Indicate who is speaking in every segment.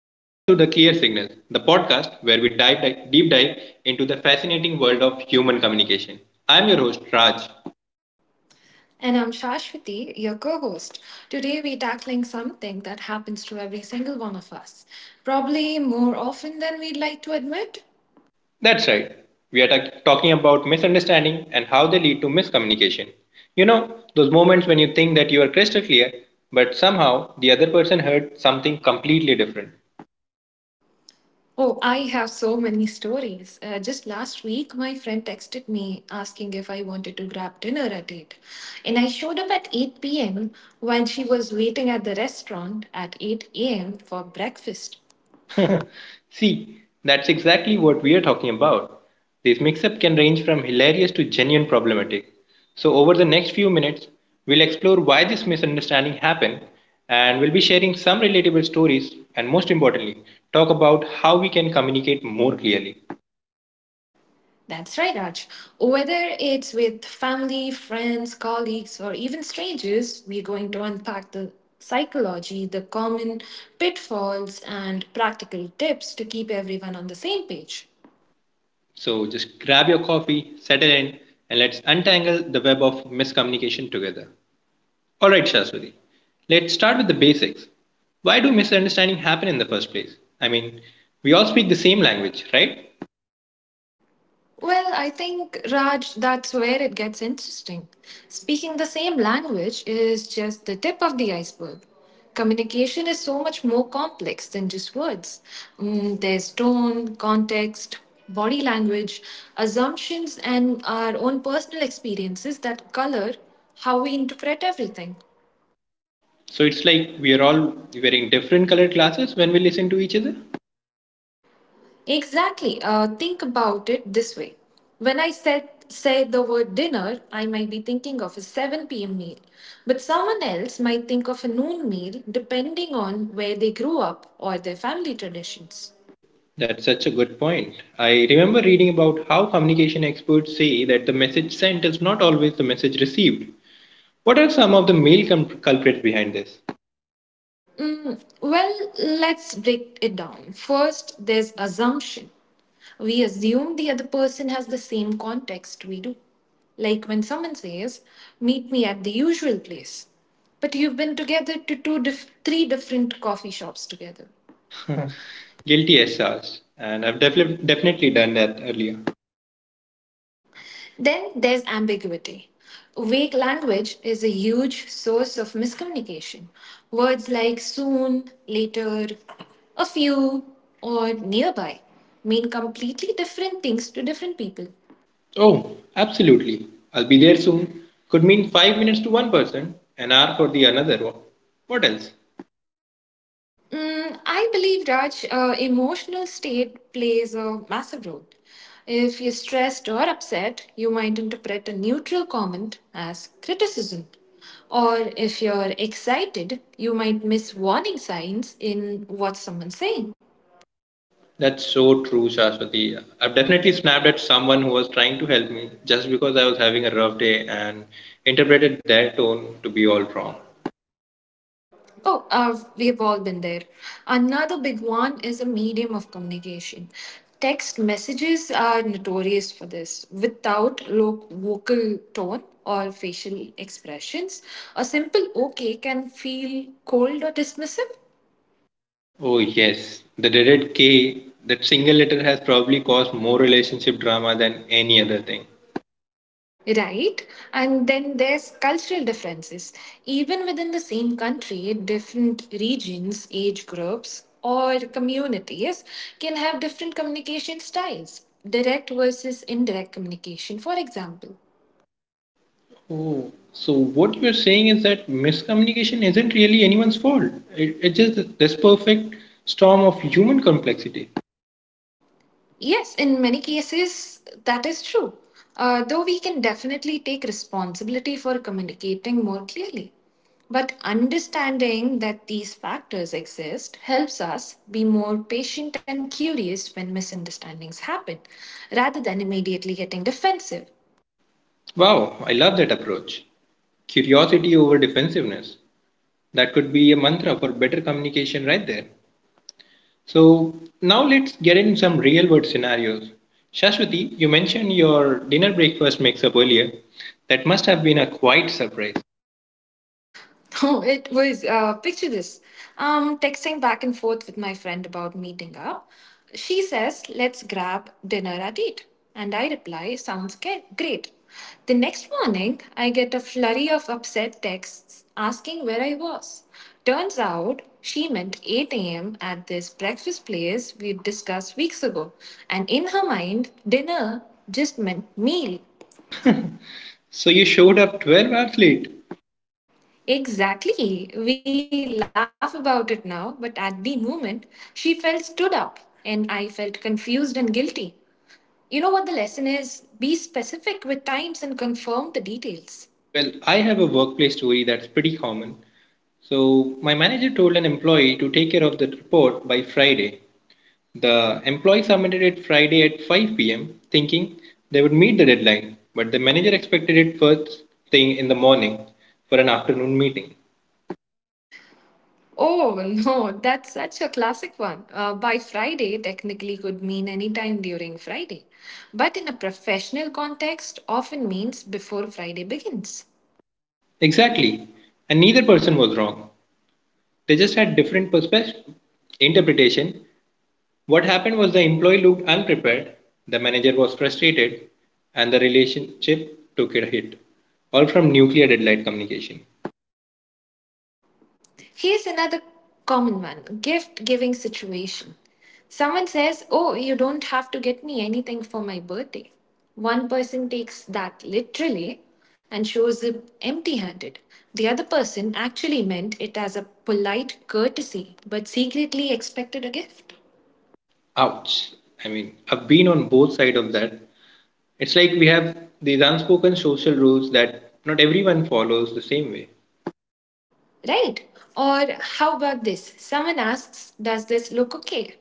Speaker 1: and welcome to the Clear Signals, the podcast where we deep dive into the fascinating world of human communication. I'm your host, Raj.
Speaker 2: And I'm Shashwati, your co host. Today, we're tackling something that happens to every single one of us, probably more often than we'd like to admit.
Speaker 1: That's right, we are talking about misunderstanding and how they lead to miscommunication. Those moments when you think that you are crystal clear, but somehow the other person heard something completely different.
Speaker 2: Oh, I have so many stories. Just last week, my friend texted me asking if I wanted to grab dinner at 8. And I showed up at 8 p.m. while she was waiting at the restaurant at 8 a.m. for breakfast.
Speaker 1: See, that's exactly what we're talking about. This mix-up can range from hilarious to genuine problematic. So over the next few minutes, we'll explore why this misunderstanding happened and we'll be sharing some relatable stories and most importantly, talk about how we can communicate more clearly.
Speaker 2: That's right, Raj. Whether it's with family, friends, colleagues, or even strangers, we're going to unpack the psychology, the common pitfalls, and practical tips to keep everyone on the same page.
Speaker 1: So just grab your coffee, settle in, and let's untangle the web of miscommunication together. All right, Shaswati. Let's start with the basics. Why do misunderstanding happen in the first place? I mean, we all speak the same language, right?
Speaker 2: Well, I think, Raj, that's where it gets interesting. Speaking the same language is just the tip of the iceberg. Communication is so much more complex than just words. There's tone, context, body language, assumptions, and our own personal experiences that color how we interpret everything.
Speaker 1: So it's like we are all wearing different colored glasses when we listen to each other.
Speaker 2: Exactly. Think about it this way. When I said say the word dinner, I might be thinking of a 7 p.m. meal, but someone else might think of a noon meal depending on where they grew up or their family traditions.
Speaker 1: That's such a good point. I remember reading about how communication experts say that the message sent is not always the message received. What are some of the male culprits behind this?
Speaker 2: Well, let's break it down. First, there's assumption. We assume the other person has the same context we do. Like when someone says, meet me at the usual place. But you've been together to three different coffee shops together.
Speaker 1: Guilty as charged, and I've definitely done that earlier.
Speaker 2: Then there's ambiguity. Vague language is a huge source of miscommunication. Words like soon, later, a few, or nearby mean completely different things to different people.
Speaker 1: Oh, absolutely. I'll be there soon. Could mean 5 minutes to one person, an hour for the another one. What else?
Speaker 2: I believe, Raj, emotional state plays a massive role. If you're stressed or upset, you might interpret a neutral comment as criticism. Or if you're excited, you might miss warning signs in what someone's saying.
Speaker 1: That's so true, Shashwati. I've definitely snapped at someone who was trying to help me just because I was having a rough day and interpreted their tone to be all wrong.
Speaker 2: Oh, we've all been there. Another big one is a medium of communication. Text messages are notorious for this. Without low vocal tone or facial expressions, a simple okay can feel cold or dismissive.
Speaker 1: Oh, yes. The dreaded K, that single letter has probably caused more relationship drama than any other thing.
Speaker 2: Right. And then there's cultural differences. Even within the same country, different regions, age groups, or communities can have different communication styles. Direct versus indirect communication, for example.
Speaker 1: Oh, so what you're saying is that miscommunication isn't really anyone's fault. It's just this perfect storm of human complexity.
Speaker 2: Yes, in many cases, that is true. Though we can definitely take responsibility for communicating more clearly. But understanding that these factors exist helps us be more patient and curious when misunderstandings happen, rather than immediately getting defensive.
Speaker 1: Wow, I love that approach. Curiosity over defensiveness. That could be a mantra for better communication right there. So now let's get in some real world scenarios. Shashwati, you mentioned your dinner breakfast mix up earlier. That must have been a quite surprise.
Speaker 2: Oh, it was picture this. Texting back and forth with my friend about meeting up. She says, "Let's grab dinner at eight," and I reply, "Sounds great." The next morning, I get a flurry of upset texts asking where I was. Turns out she meant 8 a.m. at this breakfast place we discussed weeks ago, and in her mind, dinner just meant meal.
Speaker 1: So you showed up 12 hours late.
Speaker 2: Exactly. We laugh about it now, but at the moment, she felt stood up and I felt confused and guilty. You know what the lesson is? Be specific with times and confirm the details.
Speaker 1: Well, I have a workplace story that's pretty common. So my manager told an employee to take care of the report by Friday. The employee submitted it Friday at 5 p.m., thinking they would meet the deadline, but the manager expected it first thing in the morning for an afternoon meeting.
Speaker 2: Oh no, that's such a classic one. By Friday technically could mean any time during Friday, but in a professional context often means before Friday begins.
Speaker 1: Exactly. And neither person was wrong. They just had different perspective interpretation. What happened was the employee looked unprepared, the manager was frustrated, and the relationship took a hit. All from nuclear deadline communication.
Speaker 2: Here's another common one gift giving situation. Someone says, oh, you don't have to get me anything for my birthday. One person takes that literally and shows up empty handed. The other person actually meant it as a polite courtesy but secretly expected a gift.
Speaker 1: Ouch. I mean, I've been on both sides of that. It's like we have these unspoken social rules that not everyone follows the same way.
Speaker 2: Right? Or how about this? Someone asks, does this look okay?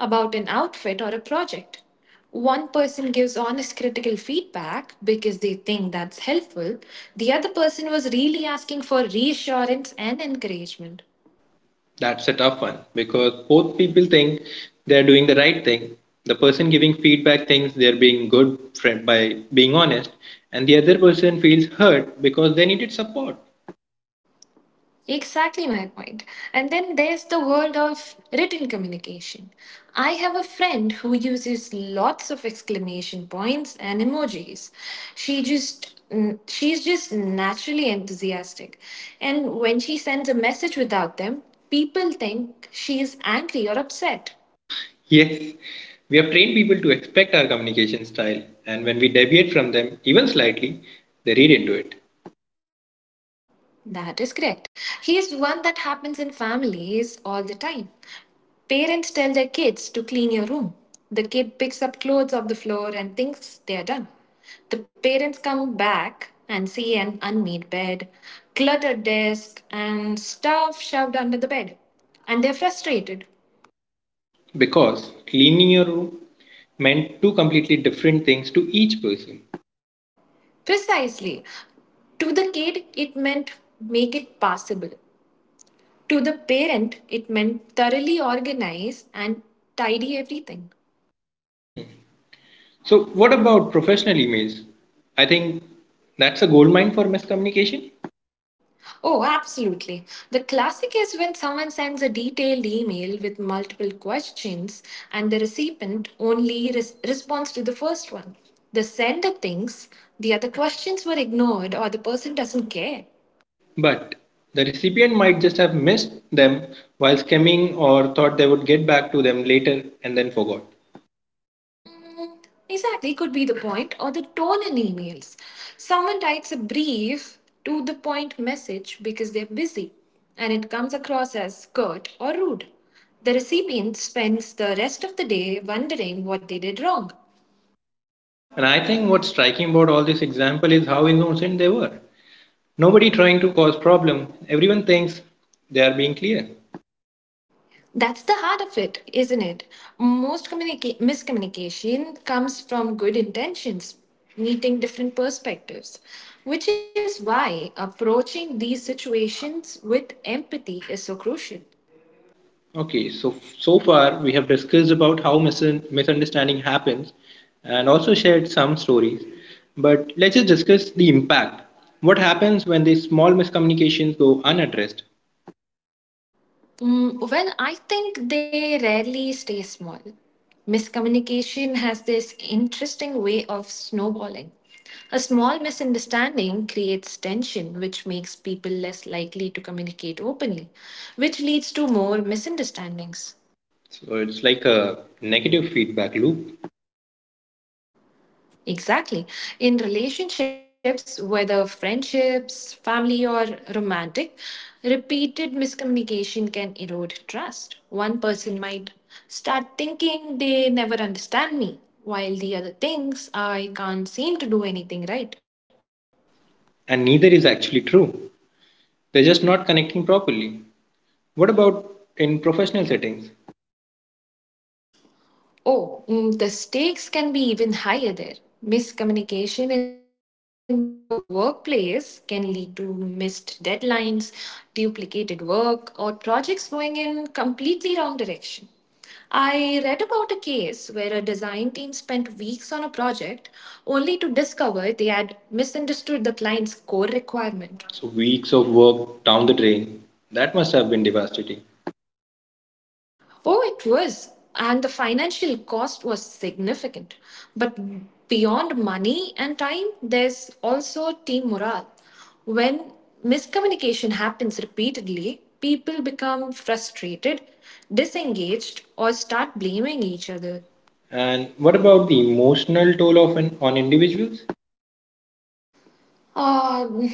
Speaker 2: about an outfit or a project. One person gives honest critical feedback because they think that's helpful. The other person was really asking for reassurance and encouragement.
Speaker 1: That's a tough one because both people think they're doing the right thing. The person giving feedback thinks they're being good friend by being honest, and the other person feels hurt because they needed support.
Speaker 2: Exactly my point. And then there's the world of written communication. I have a friend who uses lots of exclamation points and emojis. She just she's just naturally enthusiastic. And when she sends a message without them, people think she is angry or upset.
Speaker 1: Yes, we have trained people to expect our communication style, and when we deviate from them even slightly, they read into it.
Speaker 2: That is correct. Here's one that happens in families all the time. Parents tell their kids to clean your room. The kid picks up clothes off the floor and thinks they are done. The parents come back and see an unmade bed, cluttered desk, and stuff shoved under the bed. And they're frustrated.
Speaker 1: Because cleaning your room meant two completely different things to each person.
Speaker 2: Precisely. To the kid, it meant make it passable. To the parent, it meant thoroughly organize and tidy everything.
Speaker 1: So, what about professional emails? I think that's a goldmine for miscommunication,
Speaker 2: Oh, absolutely. The classic is when someone sends a detailed email with multiple questions and the recipient only responds to the first one. The sender thinks the other questions were ignored or the person doesn't care.
Speaker 1: but the recipient might just have missed them while skimming or thought they would get back to them later and then forgot.
Speaker 2: Mm, Exactly, could be the point or the tone in emails. Someone writes a brief to the point message because they're busy and it comes across as curt or rude. The recipient spends the rest of the day wondering what they did wrong.
Speaker 1: And I think what's striking about all this example is how innocent they were. Nobody trying to cause problem. Everyone thinks they are being clear.
Speaker 2: That's the heart of it, isn't it? Most miscommunication comes from good intentions, meeting different perspectives, which is why approaching these situations with empathy is so crucial.
Speaker 1: Okay, so so far we have discussed about how misunderstanding happens and also shared some stories. But let's just discuss the impact. What happens when these small miscommunications go unaddressed?
Speaker 2: Well, I think they rarely stay small. Miscommunication has this interesting way of snowballing. A small misunderstanding creates tension, which makes people less likely to communicate openly, which leads to more misunderstandings.
Speaker 1: So it's like a negative feedback loop,
Speaker 2: Exactly. In relationships, whether friendships, family, or romantic, repeated miscommunication can erode trust. One person might start thinking they never understand me, while the other thinks I can't seem to do anything right.
Speaker 1: and neither is actually true. They're just not connecting properly. What about in professional settings?
Speaker 2: Oh, the stakes can be even higher there. Miscommunication in the workplace can lead to missed deadlines, duplicated work, or projects going in completely wrong direction. I read about a case where a design team spent weeks on a project only to discover they had misunderstood the client's core requirement.
Speaker 1: So weeks of work down the drain. That must have been devastating.
Speaker 2: Oh, it was. And the financial cost was significant. But beyond money and time, there's also team morale. When miscommunication happens repeatedly, people become frustrated, disengaged, or start blaming each other.
Speaker 1: And what about the emotional toll of on individuals?
Speaker 2: Uh,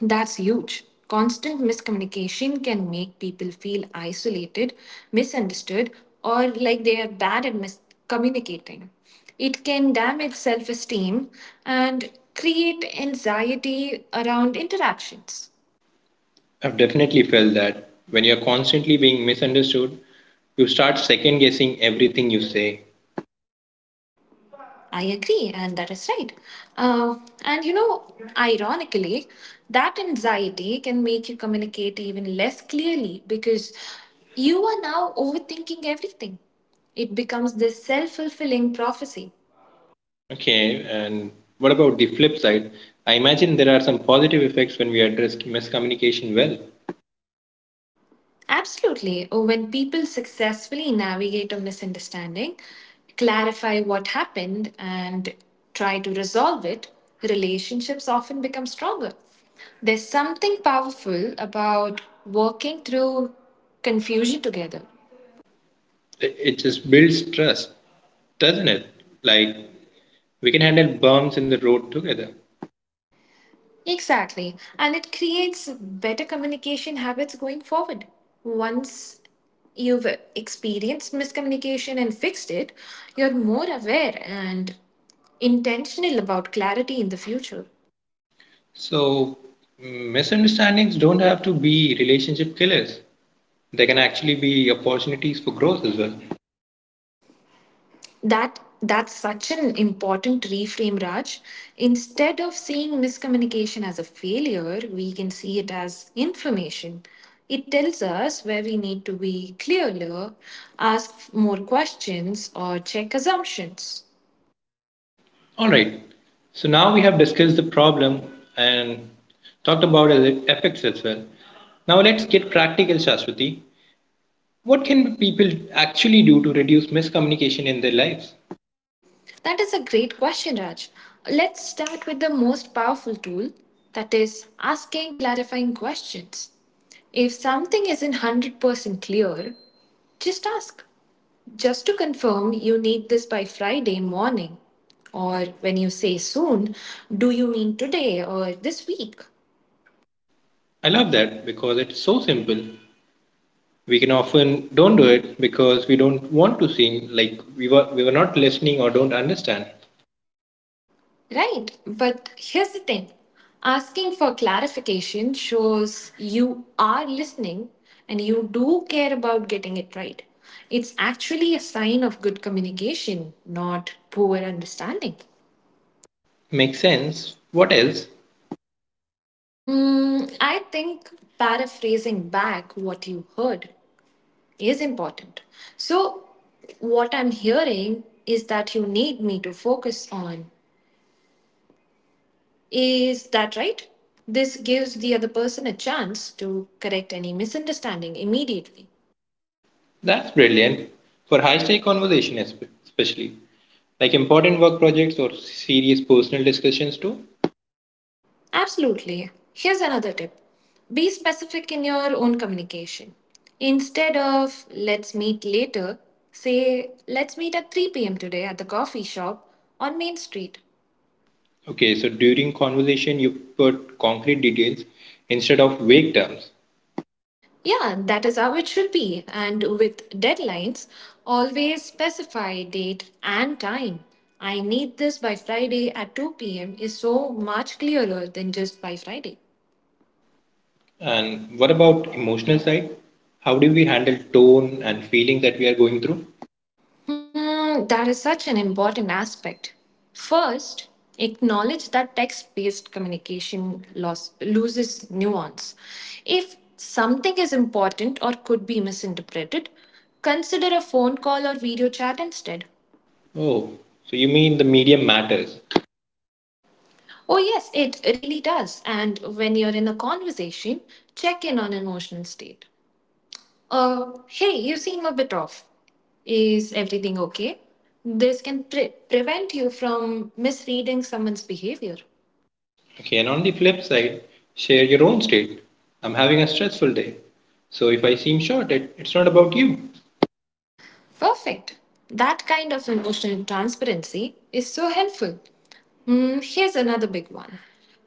Speaker 2: that's huge. Constant miscommunication can make people feel isolated, misunderstood, or like they are bad at miscommunicating. It can damage self esteem and create anxiety around interactions.
Speaker 1: I've definitely felt that when you're constantly being misunderstood, you start second guessing everything you say.
Speaker 2: I agree, and that is right. Uh, and you know, ironically, that anxiety can make you communicate even less clearly because you are now overthinking everything. It becomes this self fulfilling prophecy.
Speaker 1: Okay, and what about the flip side? I imagine there are some positive effects when we address miscommunication well.
Speaker 2: Absolutely. Oh, when people successfully navigate a misunderstanding, clarify what happened, and try to resolve it, relationships often become stronger. There's something powerful about working through confusion together.
Speaker 1: It just builds trust, doesn't it? Like we can handle bumps in the road together.
Speaker 2: Exactly. And it creates better communication habits going forward. Once you've experienced miscommunication and fixed it, you're more aware and intentional about clarity in the future.
Speaker 1: So misunderstandings don't have to be relationship killers. They can actually be opportunities for growth as well.
Speaker 2: That's such an important reframe, Raj. Instead of seeing miscommunication as a failure, we can see it as information. It tells us where we need to be clearer, ask more questions, or check assumptions.
Speaker 1: All right. So now we have discussed the problem and talked about its effects as well. Now let's get practical, Shashwati. What can people actually do to reduce miscommunication in their lives?
Speaker 2: That is a great question, Raj. Let's start with the most powerful tool that is, asking clarifying questions. If something isn't 100% clear, just ask. Just to confirm, you need this by Friday morning. Or when you say soon, do you mean today or this week?
Speaker 1: I love that because it's so simple. We can often don't do it because we don't want to seem like we were not listening or don't understand.
Speaker 2: Right, but here's the thing asking for clarification shows you are listening and you do care about getting it right. It's actually a sign of good communication, not poor understanding.
Speaker 1: Makes sense. What else?
Speaker 2: I think paraphrasing back what you heard is important. So, what I'm hearing is that you need me to focus on. Is that right? This gives the other person a chance to correct any misunderstanding immediately.
Speaker 1: That's brilliant for high-stake conversation especially, like important work projects or serious personal discussions too.
Speaker 2: Absolutely. Here's another tip be specific in your own communication. Instead of let's meet later, say let's meet at 3 p.m. today at the coffee shop on Main Street.
Speaker 1: Okay, so during conversation, you put concrete details instead of vague terms.
Speaker 2: Yeah, that is how it should be. And with deadlines, always specify date and time. I need this by Friday at 2 p.m. is so much clearer than just by Friday.
Speaker 1: And what about emotional side? How do we handle tone and feelings that we are going through?
Speaker 2: Hmm, that is such an important aspect. First, acknowledge that text based communication loses nuance. If something is important or could be misinterpreted, consider a phone call or video chat instead.
Speaker 1: Oh, so you mean the medium matters.
Speaker 2: Oh, yes, it really does. And when you're in a conversation, check in on emotional state. Hey, you seem a bit off. Is everything okay? This can prevent you from misreading someone's behavior.
Speaker 1: Okay, and on the flip side, share your own state. I'm having a stressful day. So if I seem short, it's not about you.
Speaker 2: Perfect. That kind of emotional transparency is so helpful. Here's another big one.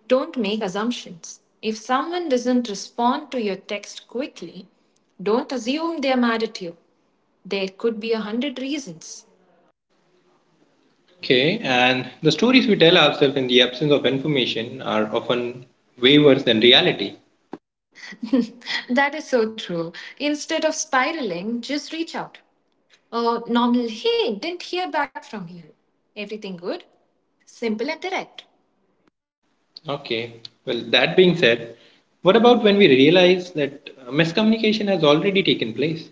Speaker 2: Don't make assumptions. If someone doesn't respond to your text quickly, don't assume they're mad at you. There could be a hundred reasons.
Speaker 1: Okay, and the stories we tell ourselves in the absence of information are often way worse than reality.
Speaker 2: that is so true. Instead of spiraling, just reach out. A normal, hey, didn't hear back from you. Everything good? Simple and direct.
Speaker 1: Okay. Well, that being said, what about when we realize that miscommunication has already taken place?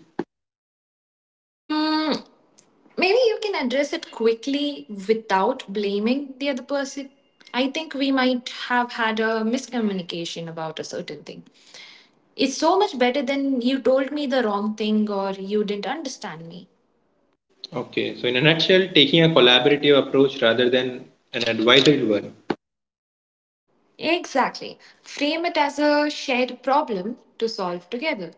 Speaker 2: Hmm, maybe you can address it quickly without blaming the other person. I think we might have had a miscommunication about a certain thing. It's so much better than you told me the wrong thing or you didn't understand me.
Speaker 1: Okay. So, in a nutshell, taking a collaborative approach rather than an advisory one.
Speaker 2: Exactly. Frame it as a shared problem to solve together.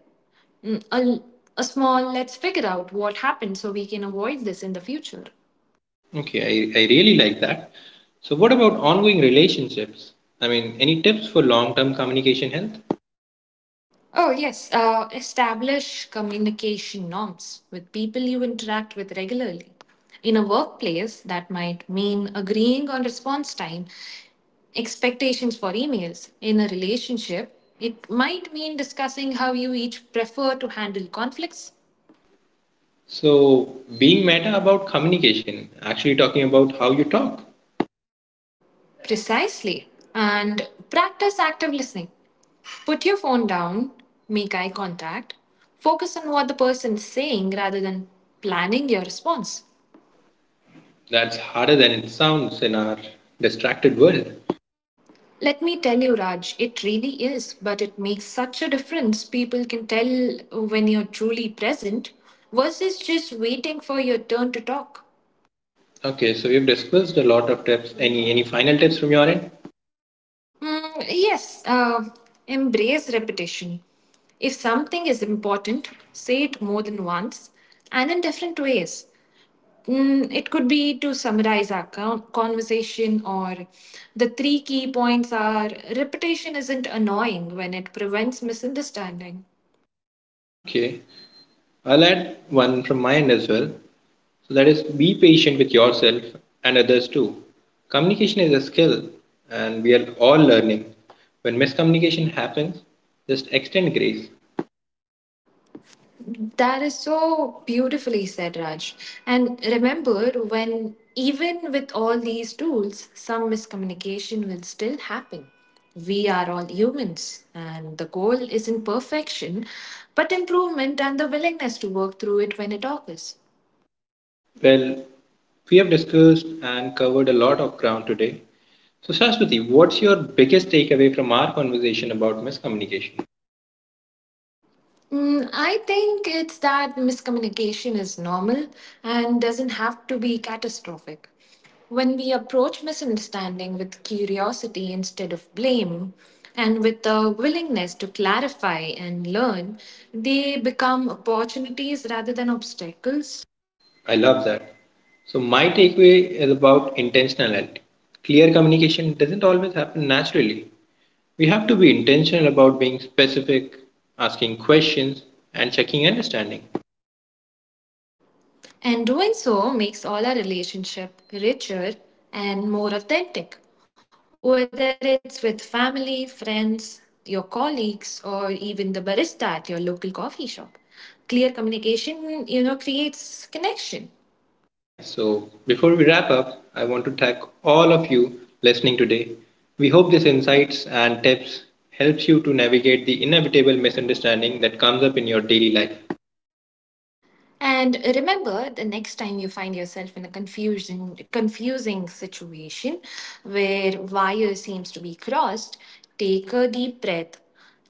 Speaker 2: Mm, A, a small, let's figure out what happened so we can avoid this in the future.
Speaker 1: Okay. I really like that. So, what about ongoing relationships? I mean, any tips for long term communication health?
Speaker 2: Oh, yes. Establish communication norms with people you interact with regularly. In a workplace, that might mean agreeing on response time, expectations for emails. In a relationship, it might mean discussing how you each prefer to handle conflicts.
Speaker 1: So, being meta about communication, actually talking about how you talk,
Speaker 2: Precisely. And practice active listening. Put your phone down, make eye contact, focus on what the person's saying rather than planning your response.
Speaker 1: that's harder than it sounds in our distracted world.
Speaker 2: Let me tell you, Raj, it really is, but it makes such a difference. People can tell when you're truly present versus just waiting for your turn to talk.
Speaker 1: Okay, so we've discussed a lot of tips. Any final tips from your end?
Speaker 2: Mm, yes, uh, embrace repetition. If something is important, say it more than once and in different ways. It could be to summarize our conversation, or the three key points are repetition isn't annoying when it prevents misunderstanding.
Speaker 1: Okay, I'll add one from my end as well. So that is be patient with yourself and others too. Communication is a skill and we are all learning. When miscommunication happens, just extend grace.
Speaker 2: That is so beautifully said, Raj. And remember, when even with all these tools, some miscommunication will still happen. We are all humans, and the goal isn't perfection, but improvement and the willingness to work through it when it occurs.
Speaker 1: Well, we have discussed and covered a lot of ground today. So Shashwati, what's your biggest takeaway from our conversation about miscommunication?
Speaker 2: I think it's that miscommunication is normal and doesn't have to be catastrophic. When we approach misunderstanding with curiosity instead of blame, and with a willingness to clarify and learn, they become opportunities rather than obstacles.
Speaker 1: I love that. So my takeaway is about intentionality. Clear communication doesn't always happen naturally. We have to be intentional about being specific, asking questions, and checking understanding.
Speaker 2: And doing so makes all our relationship richer and more authentic, whether it's with family, friends, your colleagues, or even the barista at your local coffee shop. Clear communication, you know, creates connection.
Speaker 1: Yeah, so before we wrap up, I want to thank all of you listening today. We hope these insights and tips helps you to navigate the inevitable misunderstanding that comes up in your daily life.
Speaker 2: And remember, the next time you find yourself in a confusion, confusing situation where wire seems to be crossed, take a deep breath,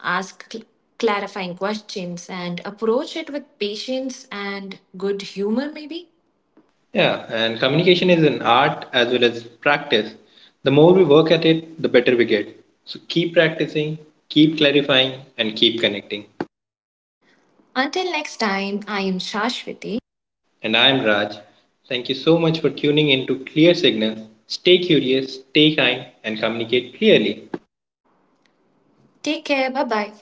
Speaker 2: ask clarifying questions, and approach it with patience and good humor, maybe.
Speaker 1: Yeah, and communication is an art as well as practice. The more we work at it, the better we get. So keep practicing, keep clarifying, and keep connecting.
Speaker 2: Until next time, I am Shashwati.
Speaker 1: And I am Raj. Thank you so much for tuning in to Clear Signals. Stay curious, stay kind, and communicate clearly.
Speaker 2: Take care. Bye bye.